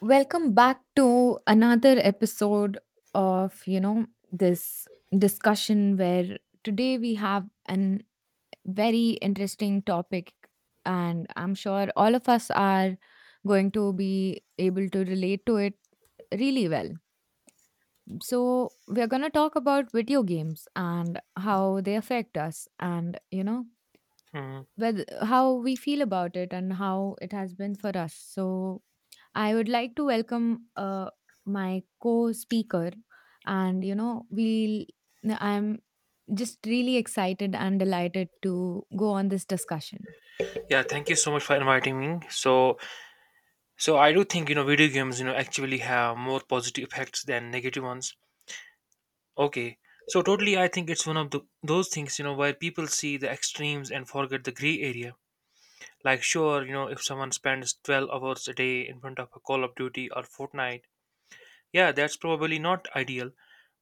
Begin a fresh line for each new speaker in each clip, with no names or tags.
Welcome back to another episode of, you know, this discussion where today we have an very interesting topic, and I'm sure all of us are going to be able to relate to it really well. So we're going to talk about video games and how they affect us and, you know,
Hmm.
whether how we feel about it and how it has been for us. So I would like to welcome my co-speaker, and you know, we'll. I'm just really excited and delighted to go on this discussion.
Yeah, thank you so much for inviting me. So I do think video games actually have more positive effects than negative ones. Okay, so totally, I think it's one of the those things, you know, where people see the extremes and forget the gray area. Like, sure, you know, if someone spends 12 hours a day in front of a Call of Duty or Fortnite, yeah, that's probably not ideal.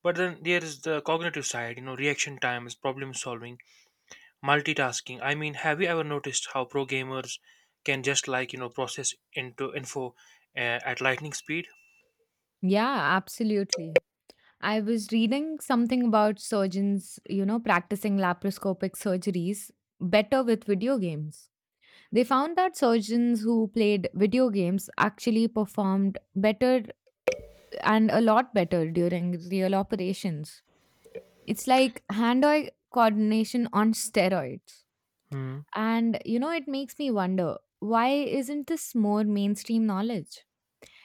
But then there is the cognitive side, you know, reaction times, problem solving, multitasking. Have you ever noticed how pro gamers can just, like, you know, process into info at lightning speed?
Yeah, absolutely. I was reading something about surgeons, you know, practicing laparoscopic surgeries better with video games. They found that surgeons who played video games actually performed better and a lot better during real operations. It's like hand eye coordination on steroids.
Hmm.
And, you know, it makes me wonder, why isn't this more mainstream knowledge?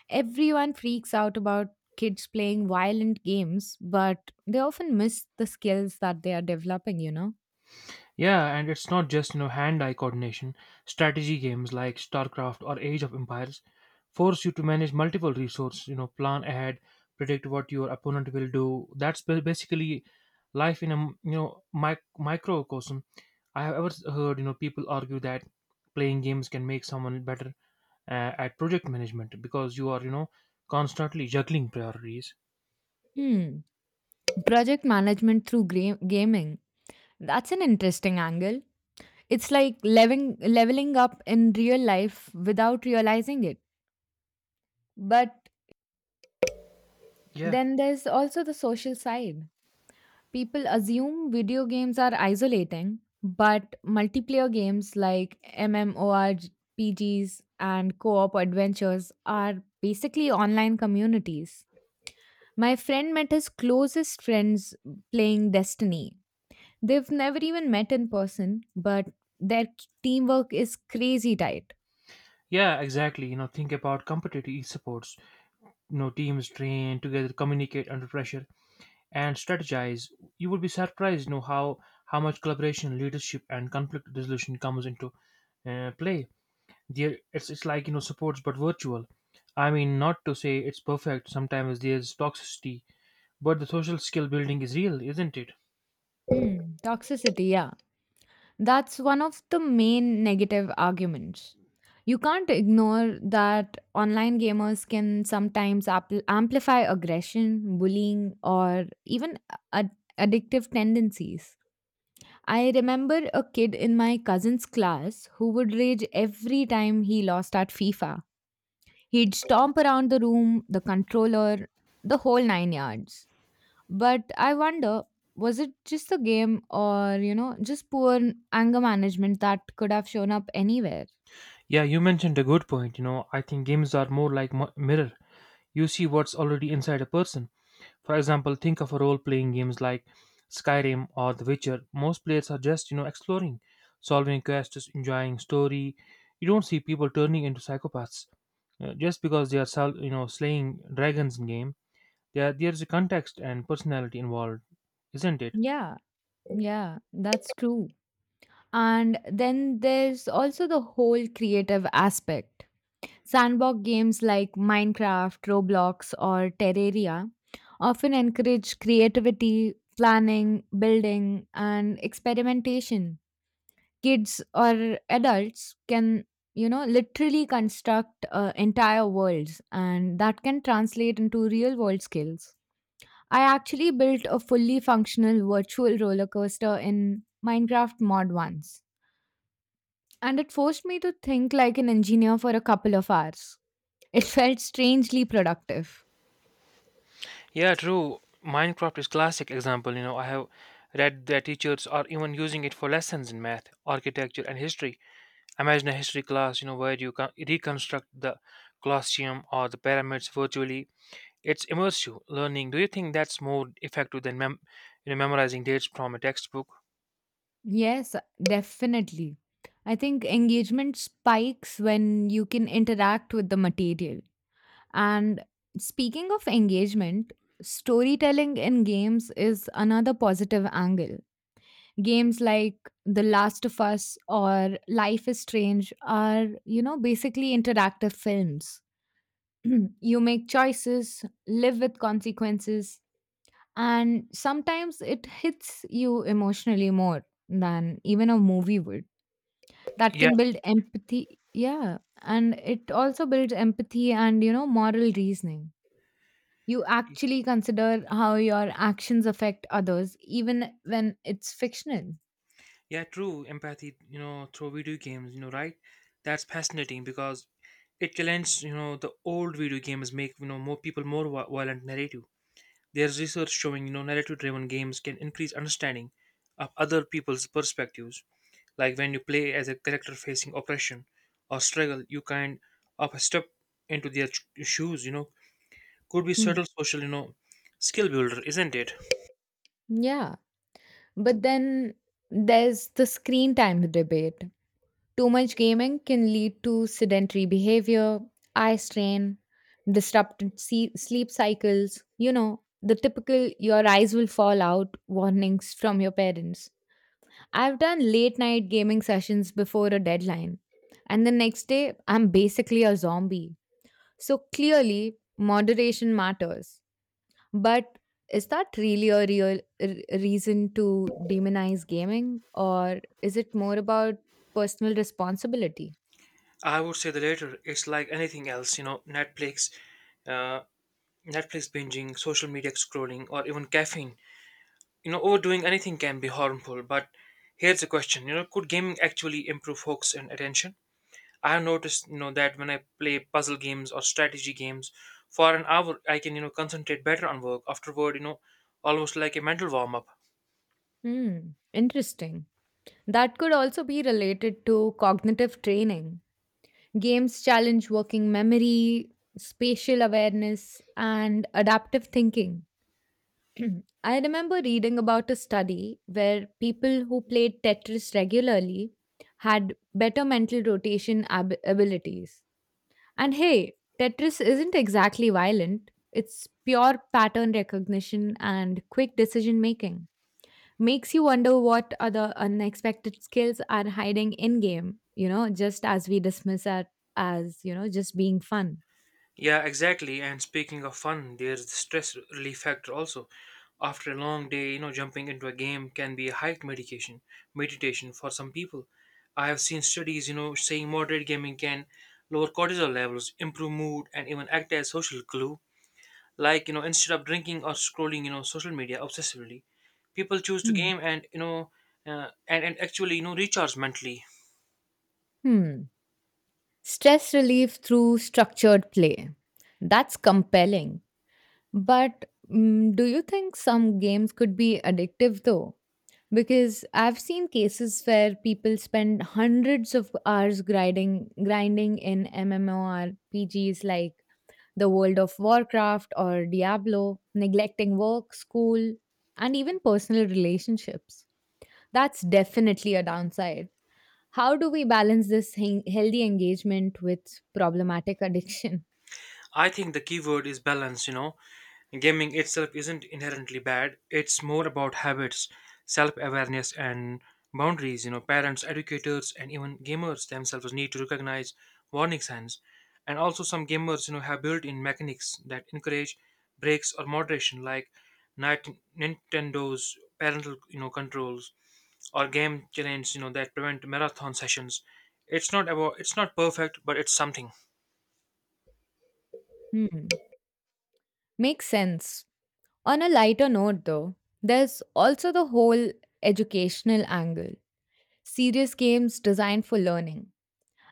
Everyone freaks out about kids playing violent games, but they often miss the skills that they are developing,
Yeah, and it's not just, you know, hand-eye coordination. Strategy games like StarCraft or Age of Empires force you to manage multiple resources. You know, plan ahead, predict what your opponent will do. Basically life in you know, microcosm. I have heard, you know, people argue that playing games can make someone better, at project management, because you are, you know, constantly juggling priorities.
Hmm. Project management through gaming. That's an interesting angle. It's like leveling up in real life without realizing it. But
yeah
then there's also the social side. People assume video games are isolating, but multiplayer games like MMORPGs and co op adventures are basically online communities. My friend met his closest friends playing Destiny. They've never even met in person, but their teamwork is crazy tight.
yeah exactly, you know, think about competitive esports. You know, teams train together, communicate under pressure, and strategize. You would be surprised, you know, how much collaboration, leadership, and conflict resolution comes into play. It's like, you know, supports but virtual. Not to say it's perfect. Sometimes there's toxicity, but the social skill building is real, isn't it?
Hmm, toxicity, yeah. That's one of the main negative arguments. You can't ignore that online gamers can sometimes amplify aggression, bullying, or even ad- addictive tendencies. I remember a kid in my cousin's class who would rage every time he lost at FIFA. He'd stomp around the room, the controller, the whole nine yards. But I wonder, was it just the game or, you know, just poor anger management that could have shown up anywhere?
Yeah, you mentioned a good point. You know, I think games are more like mirror. You see what's already inside a person. For example, think of a role-playing games like Skyrim or The Witcher. Most players are just, you know, exploring, solving quests, enjoying story. You don't see people turning into psychopaths just because they are, you know, slaying dragons in game. There is a context and personality involved, isn't it?
Yeah, yeah, that's true. And then there's also the whole creative aspect. Sandbox games like Minecraft, Roblox, or Terraria often encourage creativity, planning, building, and experimentation. Kids or adults can, you know, literally construct entire worlds, and that can translate into real world skills. I actually built a fully functional virtual roller coaster in Minecraft mod once, and it forced me to think like an engineer for a couple of hours. It felt strangely productive.
Yeah, true. Minecraft is classic example. You know, I have read that teachers are even using it for lessons in math, architecture, and history. Imagine a history class, you know, where you can reconstruct the Colosseum or the pyramids virtually. It's immersive learning. Do you think that's more effective than you know, memorizing dates from a textbook?
Yes, definitely. I think engagement spikes when you can interact with the material. And speaking of engagement, storytelling in games is another positive angle. Games like The Last of Us or Life is Strange are, you know, basically interactive films. You make choices, live with consequences, and sometimes it hits you emotionally more than even a movie would. That
Yeah,
can build empathy. Yeah. And it also builds empathy and, you know, moral reasoning. You actually consider how your actions affect others, even when it's fictional.
yeah, true. Empathy, you know, through video games, you know, right? That's fascinating because it challenges, you know, the old video games make, you know, more people more violent narrative. There's research showing, you know, narrative-driven games can increase understanding of other people's perspectives. Like when you play as a character facing oppression or struggle, you kind of step into their shoes. You know, could be
Hmm.
subtle social, you know, skill builder, isn't it?
Yeah. But then there's the screen time debate. Too much gaming can lead to sedentary behavior, eye strain, disrupted sleep cycles, you know, the typical your eyes will fall out warnings from your parents. I've done late night gaming sessions before a deadline, and the next day I'm basically a zombie. So clearly, moderation matters. But is that really a real reason to demonize gaming, or is it more about personal responsibility?
I would say the latter. It's like anything else. You know, uh, Netflix binging, social media scrolling, or even caffeine. You know, overdoing anything can be harmful. But here's the question: you know, could gaming actually improve focus and attention? I have noticed, you know, that when I play puzzle games or strategy games for an hour, I can, you know, concentrate better on work afterward, you know, almost like a mental warm up.
Hmm, interesting. That could also be related to cognitive training. Games challenge working memory, spatial awareness, and adaptive thinking. I remember reading about a study where people who played Tetris regularly had better mental rotation abilities. And hey, Tetris isn't exactly violent, it's pure pattern recognition and quick decision making. Makes you wonder what other unexpected skills are hiding in game, you know, just as we dismiss it as, you know, just being fun.
Yeah, exactly. And speaking of fun, there's the stress relief factor also. After a long day, you know, jumping into a game can be a meditation for some people. I have seen studies, you know, saying moderate gaming can lower cortisol levels, improve mood, and even act as social glue. Like, you know, instead of drinking or scrolling, you know, social media obsessively, people choose to
Hmm.
game and, you know, and actually, you know, recharge mentally.
Hmm. Stress relief through structured play. That's compelling. But mm, do you think some games could be addictive though? Because I've seen cases where people spend hundreds of hours grinding in MMORPGs like the world of Warcraft or Diablo, neglecting work, school, and even personal relationships. That's definitely a downside. How do we balance this healthy engagement with problematic addiction?
I think the key word is balance, you know. Gaming itself isn't inherently bad. It's more about habits, self-awareness, and boundaries, you know. Parents, educators, and even gamers themselves need to recognize warning signs. And also some gamers, you know, have built-in mechanics that encourage breaks or moderation, like Nit- Nintendo's parental, you know, controls or game challenges, you know, that prevent marathon sessions. It's not perfect, but it's something.
Hmm. Makes sense. On a lighter note, though, there's also the whole educational angle. Serious games designed for learning.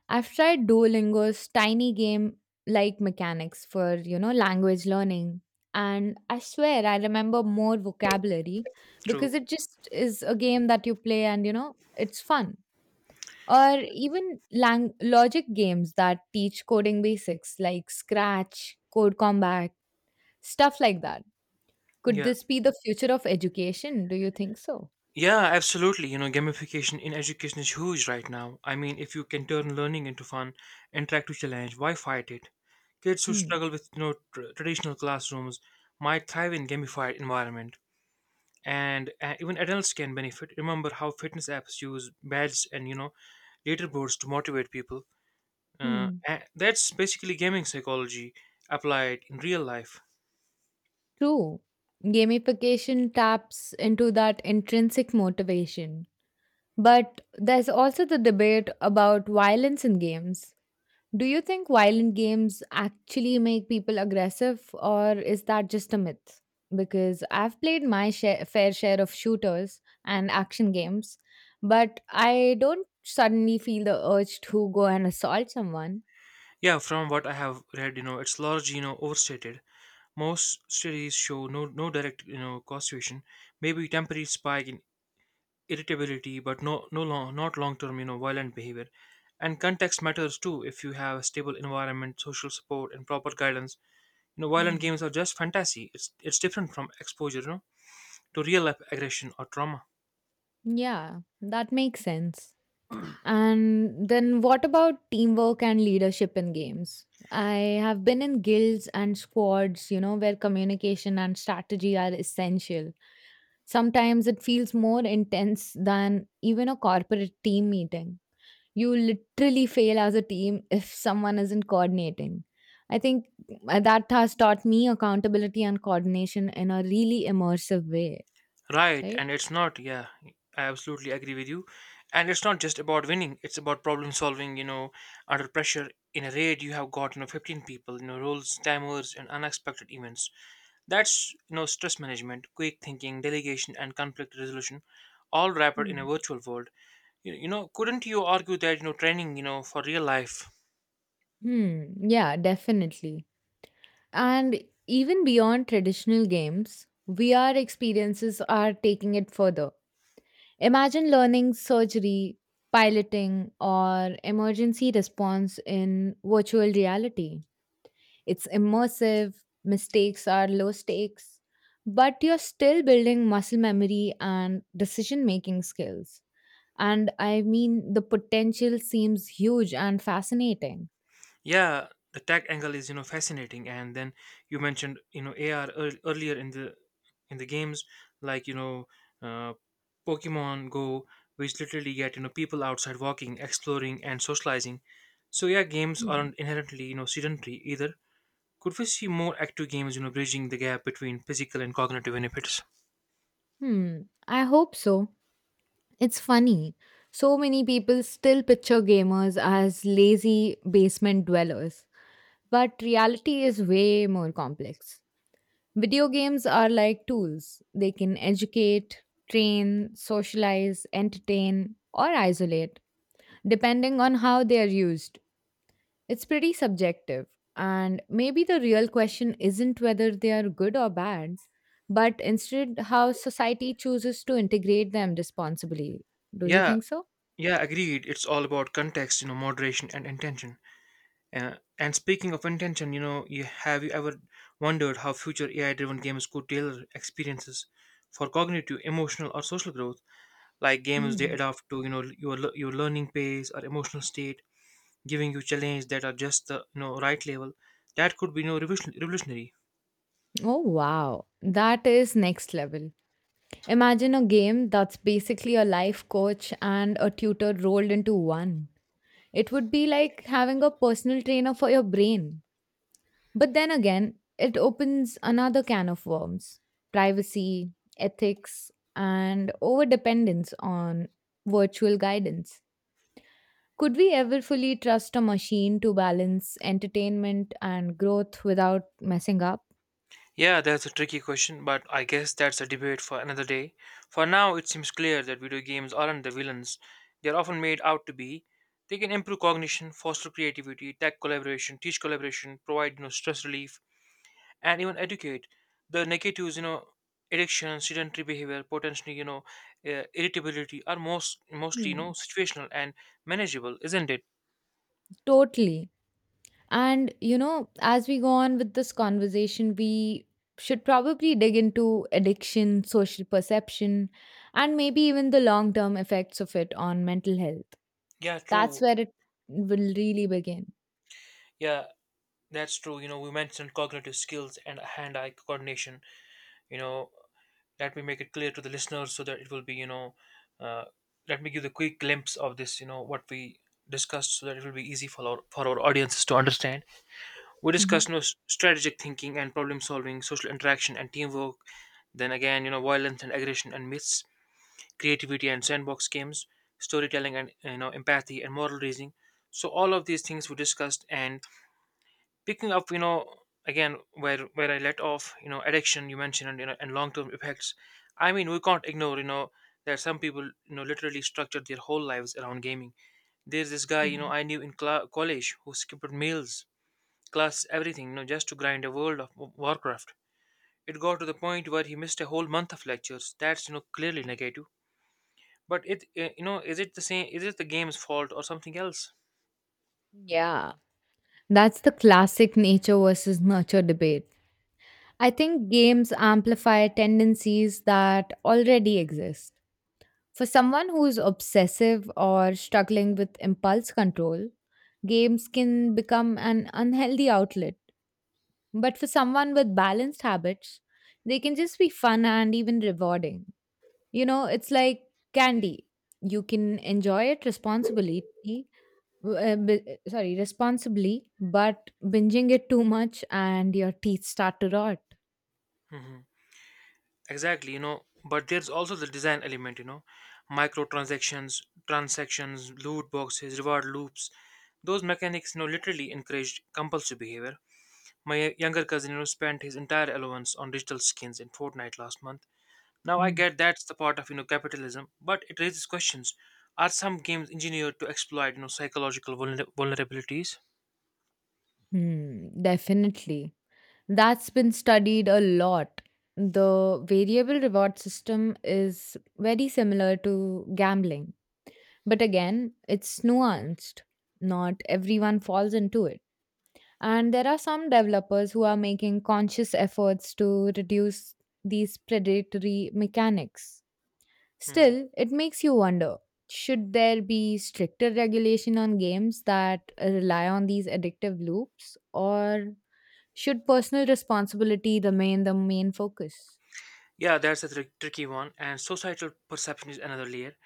I've tried Duolingo's tiny game like mechanics for, you know, language learning. And I swear I remember more vocabulary
True.
because it just is a game that you play and, you know, it's fun. Or even logic games that teach coding basics like Scratch, Code Combat, stuff like that. Could
Yeah.
this be the future of education? Do you think so?
Yeah, absolutely. You know, gamification in education is huge right now. I mean, if you can turn learning into fun, interactive challenge, why fight it? Kids who
Hmm.
struggle with, you know, traditional classrooms might thrive in gamified environment, and even adults can benefit. Remember how fitness apps use badges and, you know, leaderboards to motivate people.
Hmm.
That's basically gaming psychology applied in real life.
True. Gamification taps into that intrinsic motivation. But there's also the debate about violence in games. Do you think violent games actually make people aggressive, or is that just a myth? Because I've played my fair share of shooters and action games, but I don't suddenly feel the urge to go and assault someone.
Yeah, from what I have read, you know, it's largely, you know, overstated. Most studies show no direct, you know, causation, maybe temporary spike in irritability, but not long term, you know, violent behavior. And context matters too. If you have a stable environment, social support, and proper guidance, you know, violent
Hmm.
games are just fantasy. It's different from exposure, you know, to real life aggression or trauma.
Yeah, that makes sense. And then what about teamwork and leadership in games? I have been in guilds and squads, you know, where communication and strategy are essential. Sometimes it feels more intense than even a corporate team meeting. You literally fail as a team if someone isn't coordinating. I think that has taught me accountability and coordination in a really immersive way,
Right,
right?
and it's not, yeah, I absolutely agree with you. And it's not just about winning, it's about problem solving, you know, under pressure. In a raid, you have got, you know, 15 people, you know, roles, timers, and unexpected events. That's, you know, stress management, quick thinking, delegation, and conflict resolution, all wrapped in
Hmm.
a virtual world. Couldn't you argue that, you know, training, you know, for real life?
Hmm, yeah, definitely. And even beyond traditional games, VR experiences are taking it further. Imagine learning surgery, piloting, or emergency response in virtual reality. It's immersive, mistakes are low stakes, but you're still building muscle memory and decision making skills. And I mean, the potential seems huge and fascinating.
Yeah, the tech angle is, you know, fascinating, and then you mentioned, you know, AR earlier in the games, like, you know, uh, Pokemon Go, which literally get, you know, people outside walking, exploring, and socializing. So yeah, games
Hmm.
aren't inherently, you know, sedentary either. Could we see more active games, you know, bridging the gap between physical and cognitive benefits?
Hmm. I hope so. It's funny. So many people still picture gamers as lazy basement dwellers. But reality is way more complex. Video games are like tools, they can educate, train, socialize, entertain, or isolate, depending on how they are used. It's pretty subjective. And maybe the real question isn't whether they are good or bad, but instead how society chooses to integrate them responsibly. Do you
Yeah,
think so?
yeah, agreed. It's all about context, you know, moderation, and intention. And speaking of intention, you know, have you ever wondered how future AI-driven games could tailor experiences for cognitive, emotional, or social growth? Like games, they
Hmm.
adapt to, you know, your your learning pace or emotional state, giving you challenges that are just the, you know, right level. That could be, you know, revolutionary.
Oh, wow. That is next level. Imagine a game that's basically a life coach and a tutor rolled into one. It would be like having a personal trainer for your brain. But then again, it opens another can of worms, privacy, ethics, and overdependence on virtual guidance. Could we ever fully trust a machine to balance entertainment and growth without messing up?
Yeah, that's a tricky question, but I guess that's a debate for another day. For now, it seems clear that video games aren't the villains they are often made out to be. They can improve cognition, foster creativity, teach collaboration, provide, you know, stress relief, and even educate. The negatives, you know, addiction, sedentary behavior, potentially, you know, irritability are mostly, you know,
Hmm.
situational and manageable, isn't it?
Totally. And, you know, as we go on with this conversation, we should probably dig into addiction, social perception, and maybe even the long term effects of it on mental health.
Yeah,
That's
true.
where it will really begin.
Yeah, that's true. You know, we mentioned cognitive skills and hand-eye coordination. You know, let me make it clear to the listeners so that it will be, you know, uh, let me give the quick glimpse of this, you know, what we discussed, so that it will be easy for our audiences to understand. We discussed,
Mhm.
you know, strategic thinking and problem solving, social interaction and teamwork, then again, you know, violence and aggression and myths, creativity and sandbox games, storytelling and, you know, empathy and moral reasoning. So all of these things we discussed, and picking up, you know, again where I let off, you know, addiction, you mentioned, and, you know, and long-term effects. I mean, we can't ignore, you know, that some people, you know, literally structured their whole lives around gaming. There's this guy, you know,
Mm.
I knew in cla college, who skipped meals, class, everything, you know, just to grind a world of warcraft. It got to the point where he missed a whole month of lectures. That's, you know, clearly negative, but it you know, is it the same? Is it the game's fault or something else?
Yeah. That's the classic nature versus nurture debate. I think games amplify tendencies that already exist. For someone who's obsessive or struggling with impulse control, games can become an unhealthy outlet. But for someone with balanced habits, they can just be fun and even rewarding. You know, it's like candy. You can enjoy it responsibly, w- b- sorry, responsibly, but binging it too much and your teeth start to rot.
Hmm. Exactly, you know, but there's also the design element, you know, transactions, loot boxes, reward loops. Those mechanics, you know, literally encouraged compulsive behavior. My younger cousin, you know, spent his entire allowance on digital skins in Fortnite last month. Now I get that's the part of, you know, capitalism, but it raises questions. Are some games engineered to exploit, you know, psychological vulnerabilities?
Mhm, definitely. That's been studied a lot. The variable reward system is very similar to gambling. But again, it's nuanced. Not everyone falls into it. And there are some developers who are making conscious efforts to reduce these predatory mechanics.
Hmm.
Still, it makes you wonder, should there be stricter regulation on games that rely on these addictive loops, or should personal responsibility remain the main focus?
Yeah, that's a tricky one, and societal perception is another layer.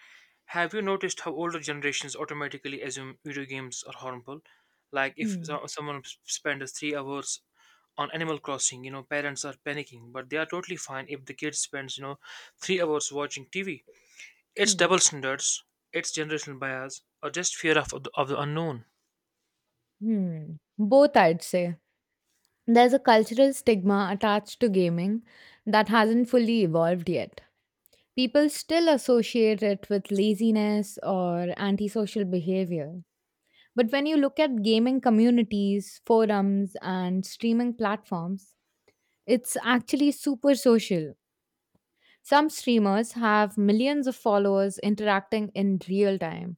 Have you noticed how older generations automatically assume video games are harmful? Like if
Hmm.
someone spends 3 hours on Animal Crossing, you know, parents are panicking, but they are totally fine if the kid spends, you know, 3 hours watching TV. It's double
Hmm.
standards, it's generational bias, or just fear of the unknown.
Hmm. Both, I'd say. There's a cultural stigma attached to gaming that hasn't fully evolved yet. People still associate it with laziness or antisocial behavior. But when you look at gaming communities, forums, and streaming platforms, it's actually super social. Some streamers have millions of followers interacting in real time,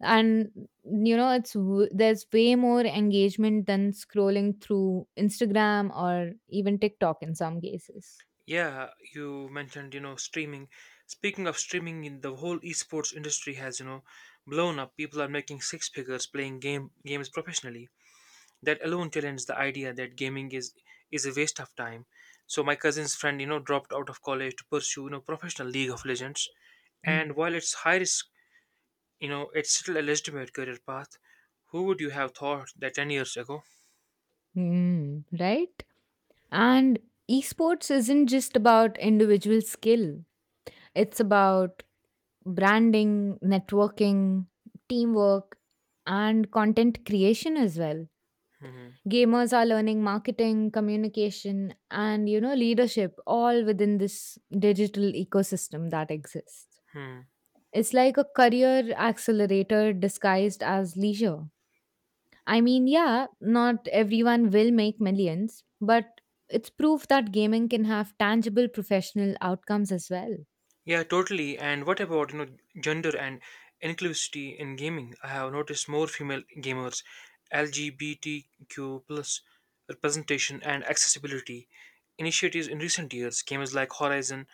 and you know, it's there's way more engagement than scrolling through Instagram or even TikTok in some cases.
Yeah, you mentioned, you know, streaming. Speaking of streaming, in the whole esports industry has, you know, blown up. People are making 6 figures playing games professionally. That alone challenges the idea that gaming is a waste of time. So my cousin's friend, dropped out of college to pursue, professional League of Legends. And
Mm.
while it's high risk, it's still a legitimate career path. Who would you have thought that 10 years ago?
Mm, right? And esports isn't just about individual skill, it's about branding, networking, teamwork, and content creation as well.
Hmm.
Gamers are learning marketing, communication, and, you know, leadership all within this digital ecosystem that exists.
Hmm.
It's like a career accelerator disguised as leisure. I mean, yeah, not everyone will make millions, but it's proof that gaming can have tangible professional outcomes as well.
Yeah, totally. And what about gender and inclusivity in gaming? I have noticed more female gamers, LGBTQ plus representation and accessibility initiatives in recent years. Games like Horizon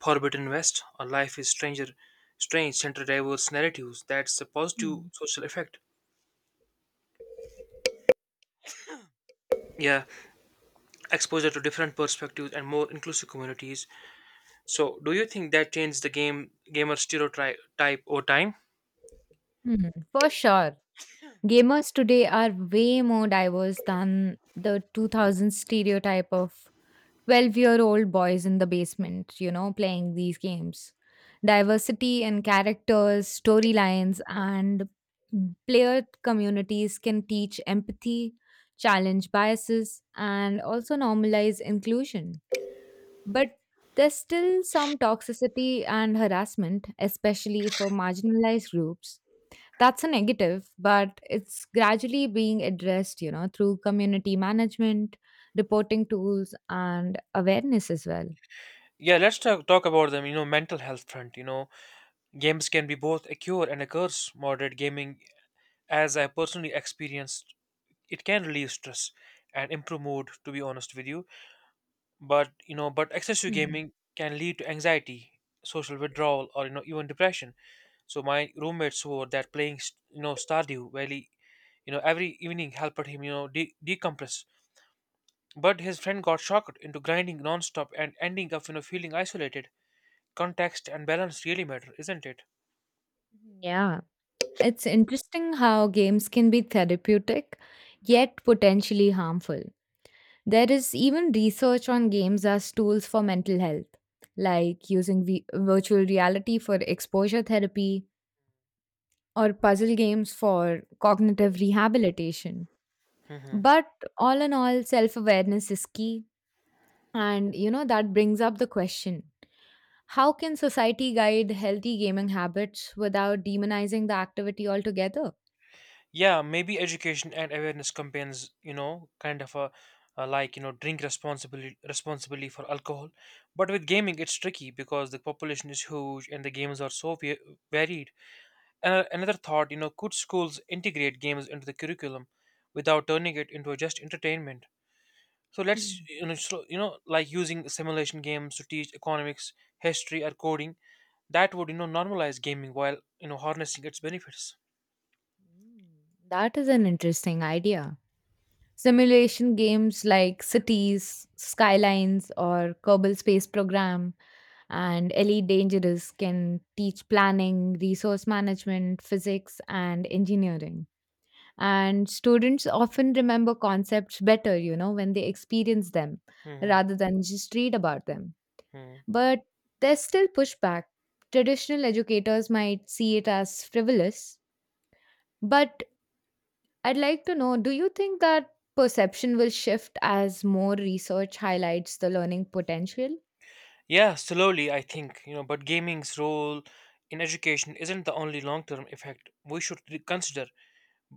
Forbidden West or Life is Stranger Strange center diverse narratives. That's a positive
Mm.
social effect. Yeah, exposure to different perspectives and more inclusive communities. So, do you think that changed the gamer stereotype over time?
Mhm. For sure. Gamers today are way more diverse than the 2000 stereotype of 12-year-old year old boys in the basement, you know, playing these games. Diversity in characters, storylines, and player communities can teach empathy, challenge biases, and also normalize inclusion. But there's still some toxicity and harassment, especially for marginalized groups. That's a negative, but it's gradually being addressed, you know, through community management, reporting tools, and awareness as well.
Yeah, let's talk about them. Mental health front. Games can be both a cure and a curse. Moderate gaming, as I personally experienced, it can relieve stress and improve mood. To be honest with you, but but excessive
Hmm.
gaming can lead to anxiety, social withdrawal, or even depression. So my roommates swore that playing, Stardew Valley, every evening helped him, decompress. But his friend got shocked into grinding non-stop and ending up, feeling isolated. Context and balance really matter, isn't it?
Yeah, it's interesting how games can be therapeutic, yet potentially harmful. There is even research on games as tools for mental health, like using virtual reality for exposure therapy or puzzle games for cognitive rehabilitation.
hmm
But all in all, self awareness is key. And you know, that brings up the question, how can society guide healthy gaming habits without demonizing the activity altogether?
Yeah, maybe education and awareness campaigns, kind of a like drink responsibly for alcohol. But with gaming, it's tricky because the population is huge and the games are so varied. And another thought, could schools integrate games into the curriculum without turning it into just entertainment? So let's,
Hmm.
you know, so, you know, like using simulation games to teach economics, history, or coding that would normalize gaming while harnessing its benefits.
That is an interesting idea. Simulation games like Cities, Skylines, or Kerbal Space Program and Elite Dangerous can teach planning, resource management, physics, and engineering. And students often remember concepts better, you know, when they experience them
hmm
rather than just read about them.
hmm.
But there's still pushback. Traditional educators might see it as frivolous. But I'd like to know, do you think that perception will shift as more research highlights the learning potential?
Yeah, slowly I think, but gaming's role in education isn't the only long-term effect we should consider.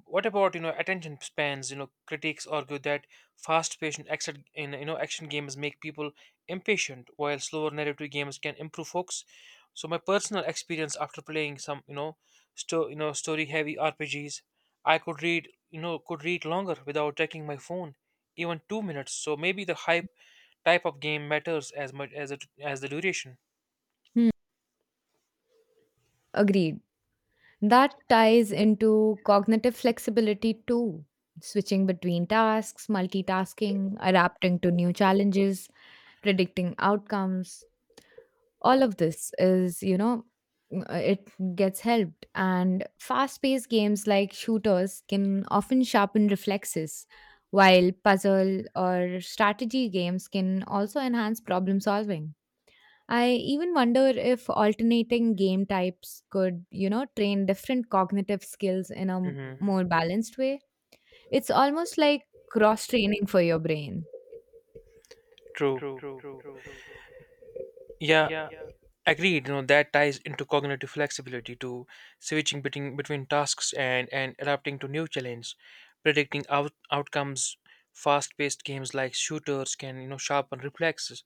What about attention spans? Critics argue that fast paced action in action games make people impatient, while slower narrative games can improve focus. So my personal experience, after playing some story heavy rpgs, I could read, could read longer without checking my phone, even 2 minutes. So maybe the hype type of game matters as much as it as the duration.
Hmm, agreed. That ties into cognitive flexibility too, switching between tasks, multitasking, adapting to new challenges, predicting outcomes. All of this is you know it gets helped, and fast paced games like shooters can often sharpen reflexes, while puzzle or strategy games can also enhance problem solving. I even wonder if alternating game types could, you know, train different cognitive skills in a
hmm hmm
more balanced way. It's almost like cross training for your brain.
true. True. Yeah, agreed. You know that ties into cognitive flexibility to, switching between tasks, and adapting to new challenges, predicting outcomes. Fast-paced games like shooters can sharpen reflexes,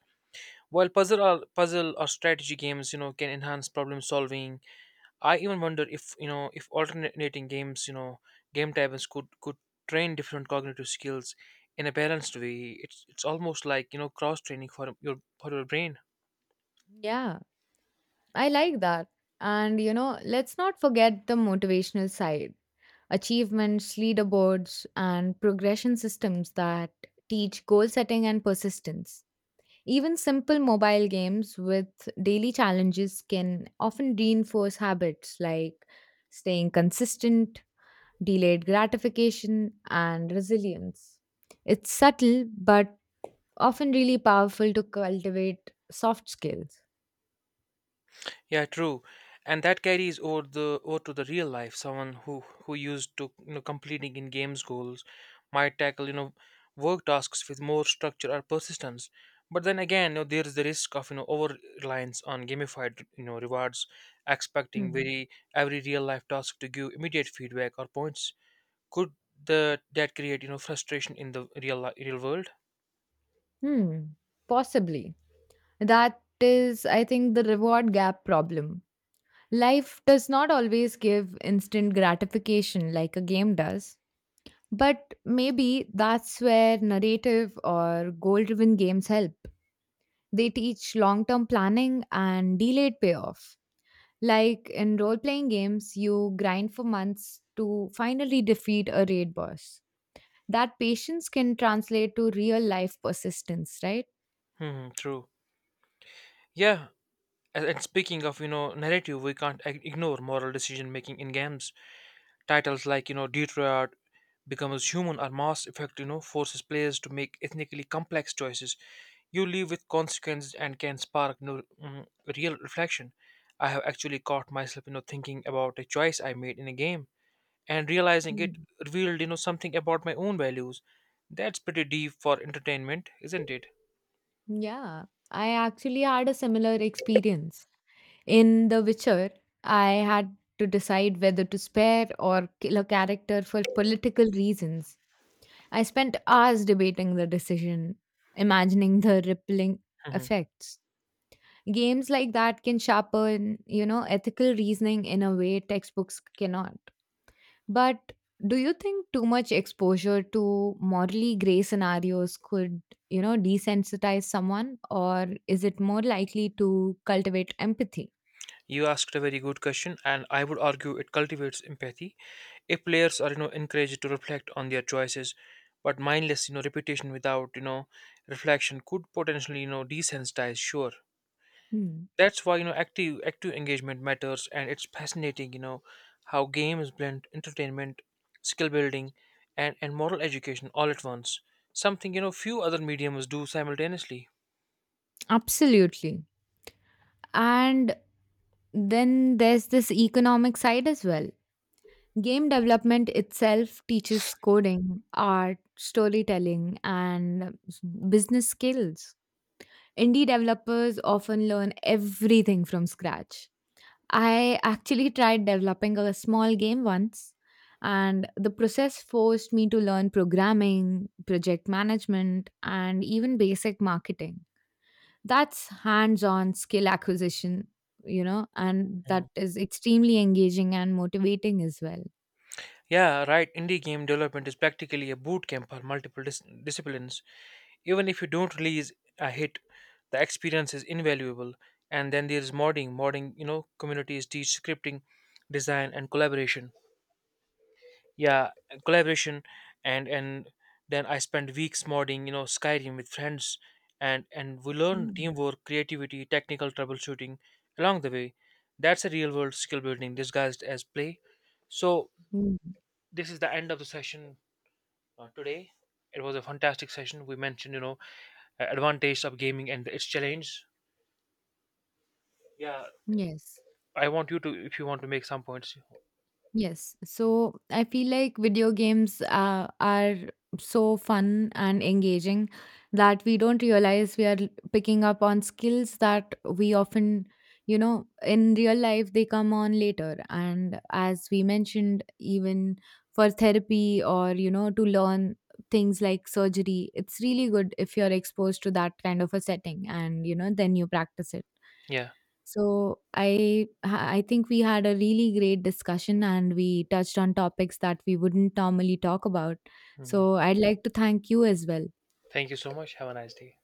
while puzzle or strategy games can enhance problem solving. I even wonder if, if alternating games, game types could train different cognitive skills in a balanced way. It's almost like, cross training for your brain.
Yeah, I like that. And you know, let's not forget the motivational side. Achievements, leaderboards, and progression systems that teach goal setting and persistence. Even simple mobile games with daily challenges can often reinforce habits like staying consistent, delayed gratification, and resilience. It's subtle, but often really powerful to cultivate soft skills.
Yeah, true. And that carries over the over to the real life. Someone who used to, completing in games goals, might tackle, work tasks with more structure or persistence. But then again, there is the risk of, over reliance on gamified, rewards, expecting
Hmm.
very every real life task to give immediate feedback or points. Could the that create, frustration in the real world?
Hmm. Possibly. That is, I think, the reward gap problem. Life does not always give instant gratification like a game does, but maybe that's where narrative or goal driven games help. They teach long term planning and delayed payoff. Like in role playing games, you grind for months to finally defeat a raid boss. That patience can translate to real life persistence, right?
Hmm, true. Yeah, and speaking of, narrative, we can't ignore moral decision making in games. Titles like, Detroit becomes human, or Mass Effect, forces players to make ethnically complex choices. You live with consequences and can spark, real reflection. I have actually caught myself, thinking about a choice I made in a game and realizing it
Mm.
revealed, something about my own values. That's pretty deep for entertainment, isn't it?
Yeah, I actually had a similar experience. In The Witcher, I had to decide whether to spare or kill a character for political reasons. I spent hours debating the decision, imagining the rippling
Mhm.
effects. Games like that can sharpen, you know, ethical reasoning in a way textbooks cannot. But do you think too much exposure to morally gray scenarios could, you know, desensitize someone, or is it more likely to cultivate empathy?
You asked a very good question, and I would argue it cultivates empathy. If players are, encouraged to reflect on their choices, but mindless, repetition without, reflection could potentially, desensitize. Sure,
Hmm.
that's why, active engagement matters, and it's fascinating, how games blend entertainment, skill building, and moral education all at once. Something, few other mediums do simultaneously.
Absolutely. And then there's this economic side as well. Game development itself teaches coding, art, storytelling, and business skills. Indie developers often learn everything from scratch. I actually tried developing a small game once, and the process forced me to learn programming, project management, and even basic marketing. That's hands on skill acquisition, you know, and that
Mm.
is extremely engaging and motivating as well.
Yeah, right. Indie game development is practically a boot camp for multiple disciplines. Even if you don't release a hit, the experience is invaluable. And then there's modding. Modding, communities teach scripting, design, and collaboration. Yeah, collaboration, and then I spent weeks modding, Skyrim with friends, and we learn
Mm.
teamwork, creativity, technical troubleshooting along the way. That's a real world skill building disguised as play. So
Mm.
this is the end of the session today. It was a fantastic session. We mentioned, advantage of gaming and its challenge.
Yes.
I want you to, if you want to make some points.
Yes. So I feel like video games are so fun and engaging that we don't realize we are picking up on skills that we often, you know, in real life they come on later. And as we mentioned, even for therapy or, you know, to learn things like surgery, it's really good if you're exposed to that kind of a setting and, you know, then you practice it.
Yeah.
So I think we had a really great discussion and we touched on topics that we wouldn't normally talk about.
hmm
So I'd like to thank you as well.
Thank you so much. Have a nice day.